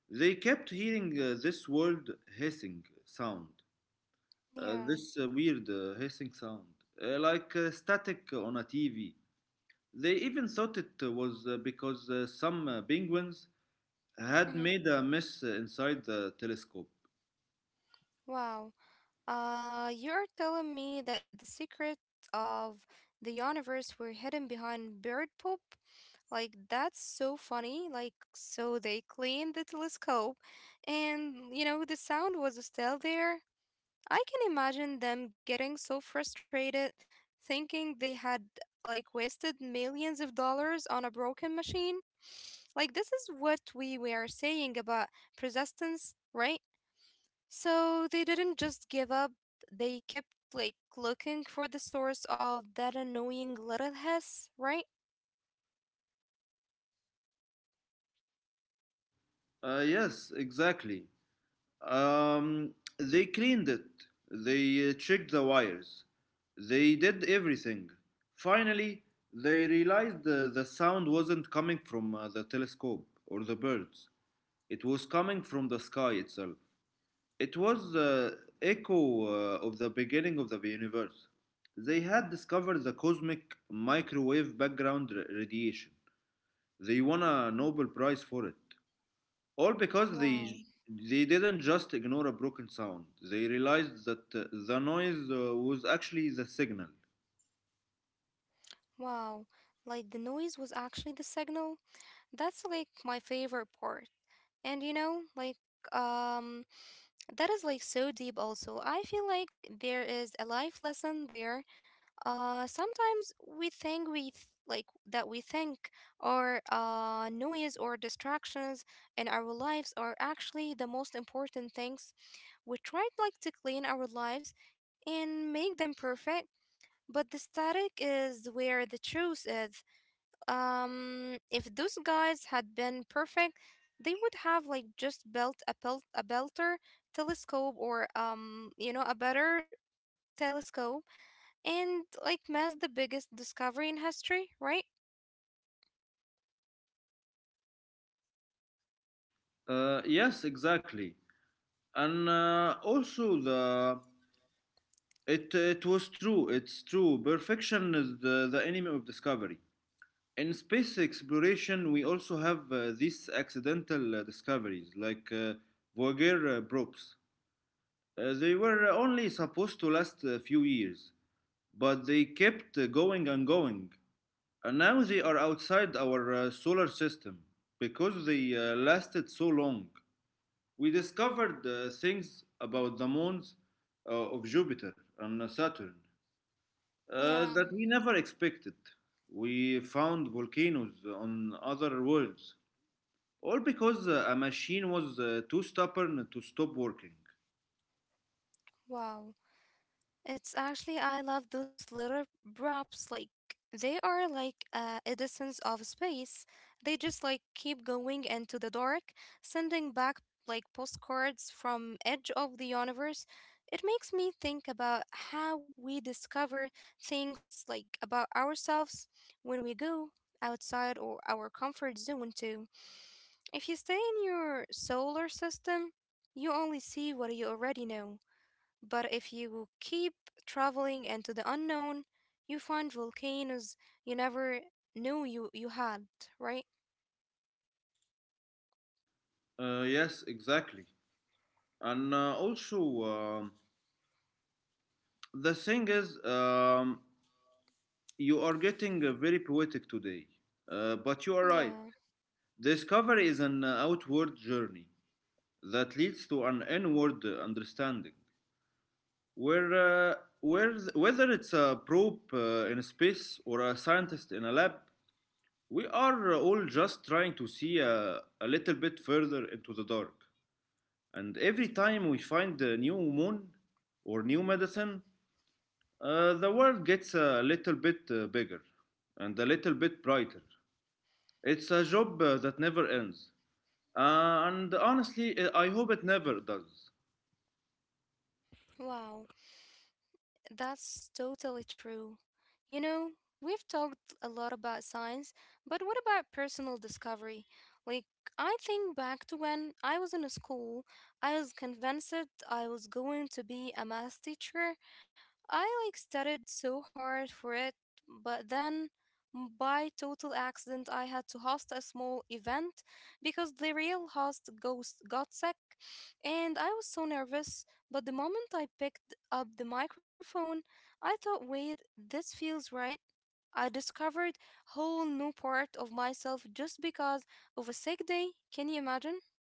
Speaker 2: They kept hearing this world hissing sound uh,
Speaker 1: Yeah.
Speaker 2: this uh, weird uh, hissing sound, like static on a TV. They even thought it was because some penguins had
Speaker 1: hmm
Speaker 2: made a mess inside the telescope.
Speaker 1: Wow. You're telling me that the secret of the universe were hidden behind bird poop? Like, that's so funny. Like, so they cleaned the telescope, and you know, the sound was still there. I can imagine them getting so frustrated thinking they had wasted millions of dollars on a broken machine. Like, this is what we were saying about persistence, right? So they didn't just give up, they kept looking for the source of that annoying little hiss, right?
Speaker 2: Yes, exactly. Um, they cleaned it, they checked the wires, they did everything. Finally, they realized the sound wasn't coming from the telescope or the birds, it was coming from the sky itself. It was the echo of the beginning of the universe. They had discovered the cosmic microwave background radiation. They won a Nobel Prize for it. All because
Speaker 1: Wow,
Speaker 2: they didn't just ignore a broken sound. They realized that the noise was actually the signal.
Speaker 1: wow. Like, the noise was actually the signal. That's like my favorite part. And you know, like, um, that is like so deep also. I feel like there is a life lesson there. Uh, sometimes we think we th- like that we think our noise or distractions in our lives are actually the most important things. We try to clean our lives and make them perfect, but the static is where the truth is. If those guys had been perfect, they would have just built a belt a belter telescope, or you know, a better telescope, and mass the biggest discovery in history, right?
Speaker 2: Yes, exactly. And also the it it was true. It's true. Perfection is the enemy of discovery. In space exploration, we also have these accidental discoveries, like Voyager probes. They were only supposed to last a few years, but they kept going and going. And now they are outside our solar system because they lasted so long. We discovered things about the moons of Jupiter and Saturn
Speaker 1: yeah
Speaker 2: that we never expected. We found volcanoes on other worlds. All because a machine was too stubborn to stop working.
Speaker 1: wow It's actually, I love those little props. Like they are like Edisons of space. They just keep going into the dark, sending back like postcards from edge of the universe. It makes me think about how we discover things about ourselves when we go outside or our comfort zone too. If you stay in your solar system, you only see what you already know. But if you keep traveling into the unknown, you find volcanoes you never knew you had, right?
Speaker 2: Yes, exactly. And also, the thing is, you are getting very poetic today. But you are right.
Speaker 1: Yeah,
Speaker 2: Discovery is an outward journey that leads to an inward understanding. Where, uh, Whether it's a probe in space or a scientist in a lab, we are all just trying to see a little bit further into the dark. And every time we find a new moon or new medicine, the world gets a little bit bigger and a little bit brighter. It's a job that never ends. And honestly, I hope it never does.
Speaker 1: wow, that's totally true. You know, we've talked a lot about science, but what about personal discovery? Like, I think back to when I was in school, I was convinced I was going to be a math teacher. I studied so hard for it, but then by total accident I had to host a small event because the real host ghost got sick and I was so nervous, but the moment I picked up the microphone, I thought, "Wait, this feels right." I discovered whole new part of myself just because of a sick day. Can you imagine?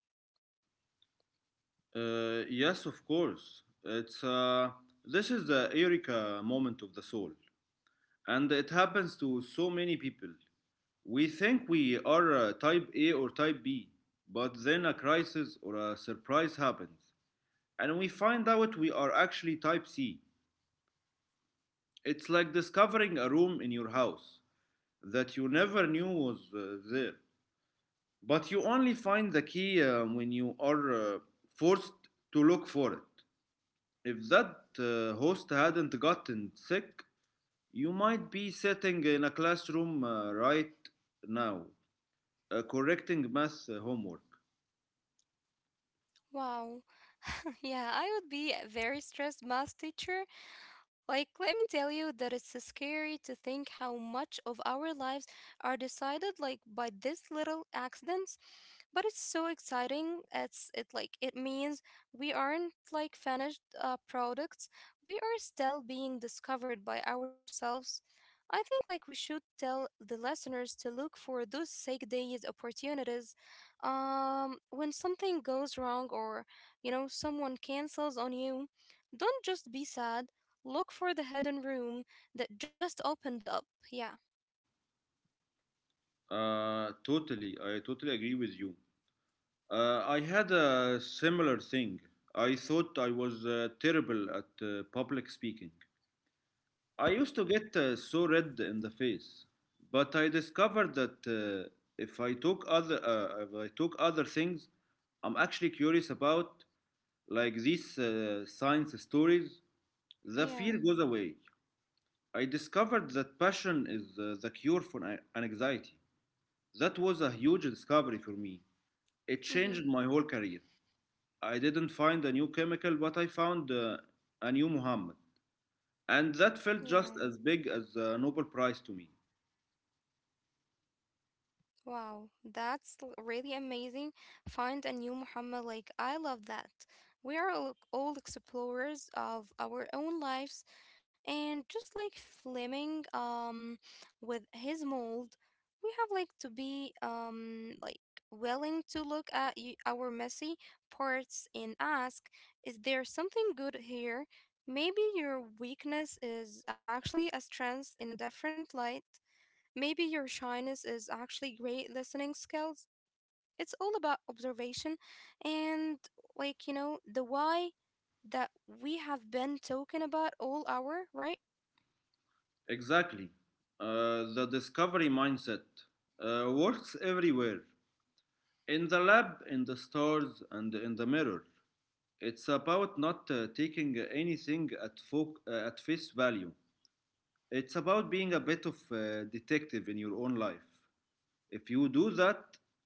Speaker 2: Yes, of course. It's this is the Eureka moment of the soul, and it happens to so many people. We think we are type A or type B, but then a crisis or a surprise happens, and we find out we are actually type C. It's like discovering a room in your house that you never knew was there, but you only find the key when you are forced to look for it. If that host hadn't gotten sick, you might be sitting in a classroom right now, correcting math homework.
Speaker 1: Wow. Yeah, I would be a very stressed math teacher. Like, let me tell you that it's scary to think how much of our lives are decided by these little accidents. But it's so exciting. It means we aren't like finished products. We are still being discovered by ourselves. I think we should tell the listeners to look for those sick days opportunities. When something goes wrong, or you know, someone cancels on you, don't just be sad. Look for the hidden room that just opened up. Yeah.
Speaker 2: Totally, I totally agree with you. I had a similar thing. I thought I was terrible at public speaking. I used to get so red in the face, but I discovered that if I took other things I'm actually curious about, like these science stories, the fear
Speaker 1: Yeah.
Speaker 2: goes away. I discovered that passion is the cure for anxiety. That was a huge discovery for me. It
Speaker 1: Mm-hmm.
Speaker 2: changed my whole career. I didn't find a new chemical, but I found a new Muhammad. And that felt
Speaker 1: Yeah.
Speaker 2: just as big as the Nobel Prize to me.
Speaker 1: Wow, that's really amazing. Find a new Muhammad. Like, I love that. We are all explorers of our own lives. And just like Fleming, with his mold, we have to be, willing to look at our messy parts and ask, is there something good here? Maybe your weakness is actually a strength in a different light. Maybe your shyness is actually great listening skills. It's all about observation and, you know, the why that we have been talking about all hour, right?
Speaker 2: Exactly. The discovery mindset works everywhere: in the lab, in the stores, and in the mirror. It's about not taking anything at face value. It's about being a bit of a detective in your own life. If you do that,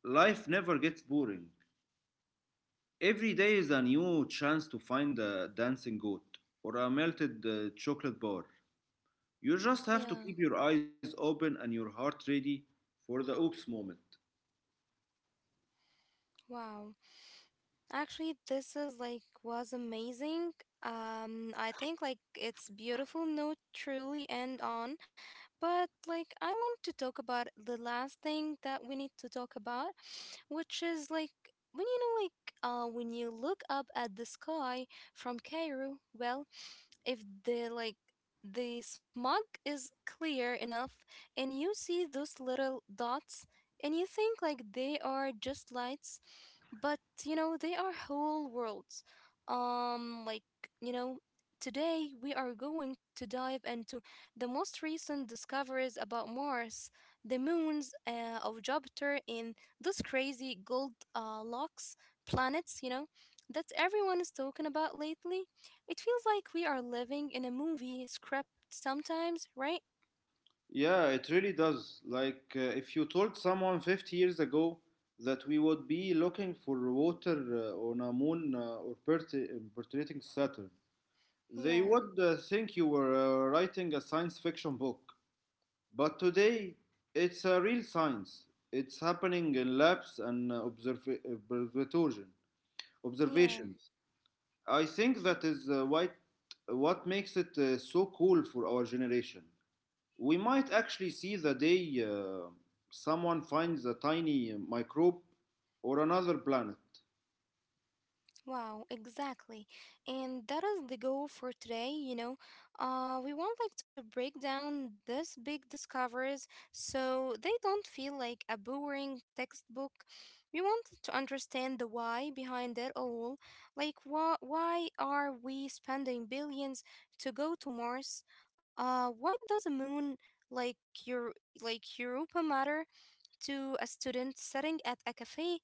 Speaker 2: life never gets boring. Every day is a new chance to find a dancing goat or a melted chocolate bar. You just have to
Speaker 1: Yeah.
Speaker 2: keep your eyes open and your heart ready for the oops moment.
Speaker 1: Wow. Actually, this is like was amazing. I think it's beautiful note truly end on, but I want to talk about the last thing that we need to talk about, which is when you know, when you look up at the sky from Cairo, well, if the smog is clear enough, and you see those little dots, and you think like they are just lights, but you know they are whole worlds, um like you know today we are going to dive into the most recent discoveries about Mars, the moons of Jupiter, and this crazy gold locks planets, you know, that everyone is talking about lately. It feels like we are living in a movie script sometimes, right?
Speaker 2: Yeah, it really does. Like, if you told someone 50 years ago that we would be looking for water on a moon or pertinating Saturn, they
Speaker 1: yeah
Speaker 2: would think you were writing a science fiction book. But today, it's a real science. It's happening in labs and observation,
Speaker 1: yeah
Speaker 2: observations. I think that is what makes it so cool for our generation. We might actually see the day someone finds a tiny microbe or another planet.
Speaker 1: Wow, exactly. And that is the goal for today, you know. We want to break down these big discoveries so they don't feel like a boring textbook. We want to understand the why behind it all. Like why are we spending billions to go to Mars? Why does a moon like your like Europa matter to a student sitting at a cafe?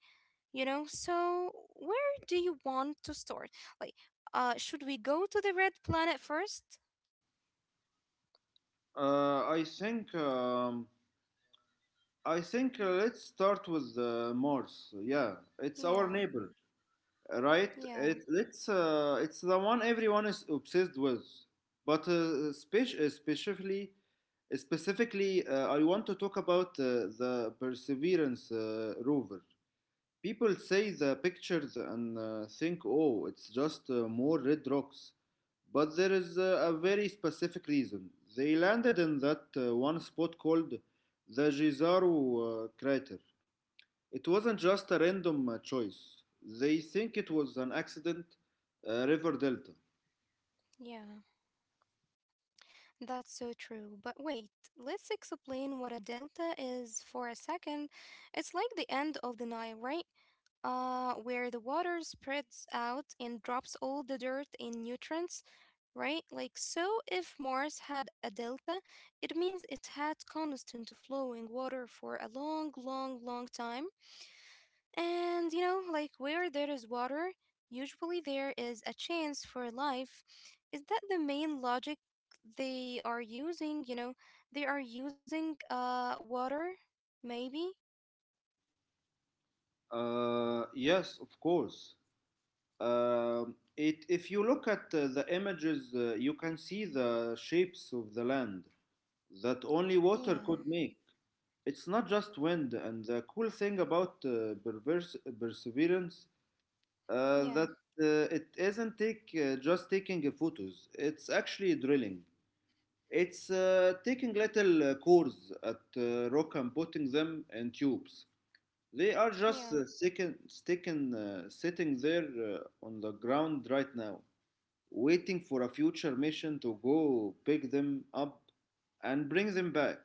Speaker 1: You know, so where do you want to start, like should we go to the red planet first?
Speaker 2: Uh, I think. Um, I think let's start with Mars. Yeah, it's our
Speaker 1: yeah
Speaker 2: neighbor, right?
Speaker 1: yeah
Speaker 2: It, it's uh, it's the one everyone is obsessed with, but specifically, I want to talk about the Perseverance rover. People say the pictures and think, oh, it's just more red rocks, but there is a very specific reason. They landed in that one spot called the Jezero crater. It wasn't just a random choice. They think it was an accident, River Delta.
Speaker 1: yeah, that's so true. But wait, let's explain what a delta is for a second. It's like the end of the Nile, right? Uh, where the water spreads out and drops all the dirt and nutrients, right? Like, so if Mars had a delta, it means it had constant flowing water for a long time. And you know, like where there is water, usually there is a chance for life. Is that the main logic they are using? You know, they are using water, maybe.
Speaker 2: Yes, of course. If you look at the images, you can see the shapes of the land that only
Speaker 1: Yeah,
Speaker 2: water could make. It's not just wind, and the cool thing about perseverance
Speaker 1: yeah,
Speaker 2: that it isn't take just taking photos. It's actually drilling. It's taking little cores at rock and putting them in tubes. They are just
Speaker 1: yeah.
Speaker 2: sitting there on the ground right now, waiting for a future mission to go pick them up and bring them back.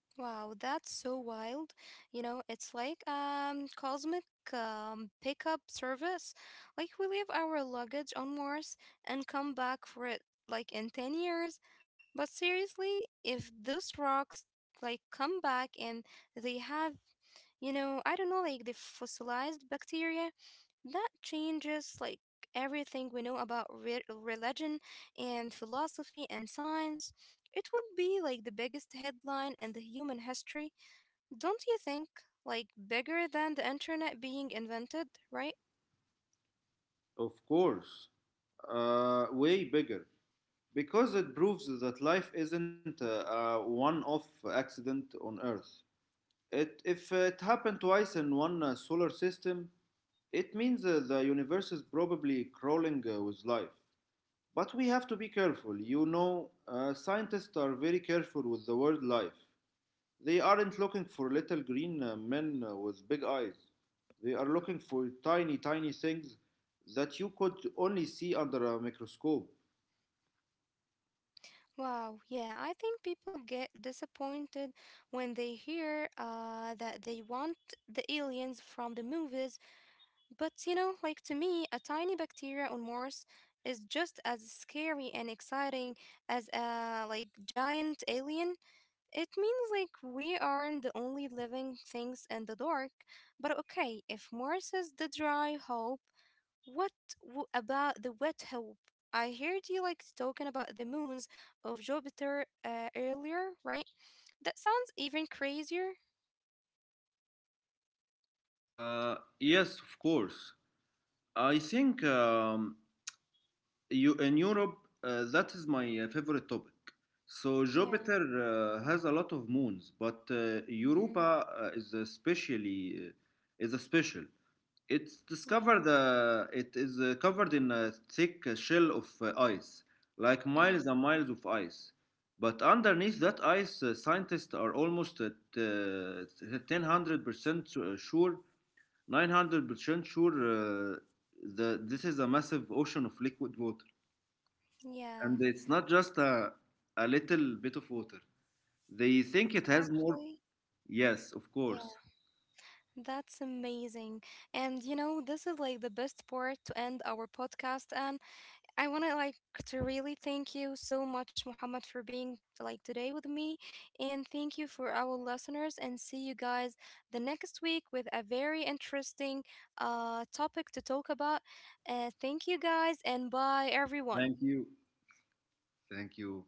Speaker 1: Wow, that's so wild. You know, it's like cosmic pickup service. Like we leave our luggage on Mars and come back for it like in 10 years. But seriously, if those rocks come back and they have, you know, I don't know, like the fossilized bacteria that changes like everything we know about religion and philosophy and science. It would be like the biggest headline in the human history, don't you think? Like bigger than the internet being invented, right?
Speaker 2: Of course, way bigger. Because it proves that life isn't a one off accident on Earth. It, if it happened twice in one solar system, it means the universe is probably crawling with life. But we have to be careful. You know, scientists are very careful with the word life. They aren't looking for little green men with big eyes. They are looking for tiny, tiny things that you could only see under a microscope.
Speaker 1: Wow, yeah, I think people get disappointed when they hear that they want the aliens from the movies. But you know, like to me, a tiny bacteria on Mars is just as scary and exciting as a like giant alien. It means like we aren't the only living things in the dark. But okay, if Mars is the dry hope, what about the wet hope? I heard you like talking about the moons of Jupiter earlier, right? That sounds even crazier.
Speaker 2: Yes of course. I think you, in Europe, that is my favorite topic. So
Speaker 1: Yeah.
Speaker 2: Jupiter has a lot of moons, but
Speaker 1: hmm
Speaker 2: Europa is a special. It's
Speaker 1: Yeah.
Speaker 2: discovered. It is covered in a thick shell of ice, like
Speaker 1: hmm
Speaker 2: miles and miles of ice. But underneath that ice, scientists are almost at 1000% sure, 900% sure that this is a massive ocean of liquid water, and
Speaker 1: Yeah.
Speaker 2: it's not just a little bit of water. They think it has more.
Speaker 1: Actually.
Speaker 2: Yes, of
Speaker 1: Yeah.
Speaker 2: course.
Speaker 1: That's amazing. And you know, this is like the best part to end our podcast. And I want to to really thank you so much, Muhammad, for being like today with me. And thank you for our listeners. And see you guys the next week with a very interesting topic to talk about. Thank you guys and bye, everyone.
Speaker 2: Thank you. Thank you.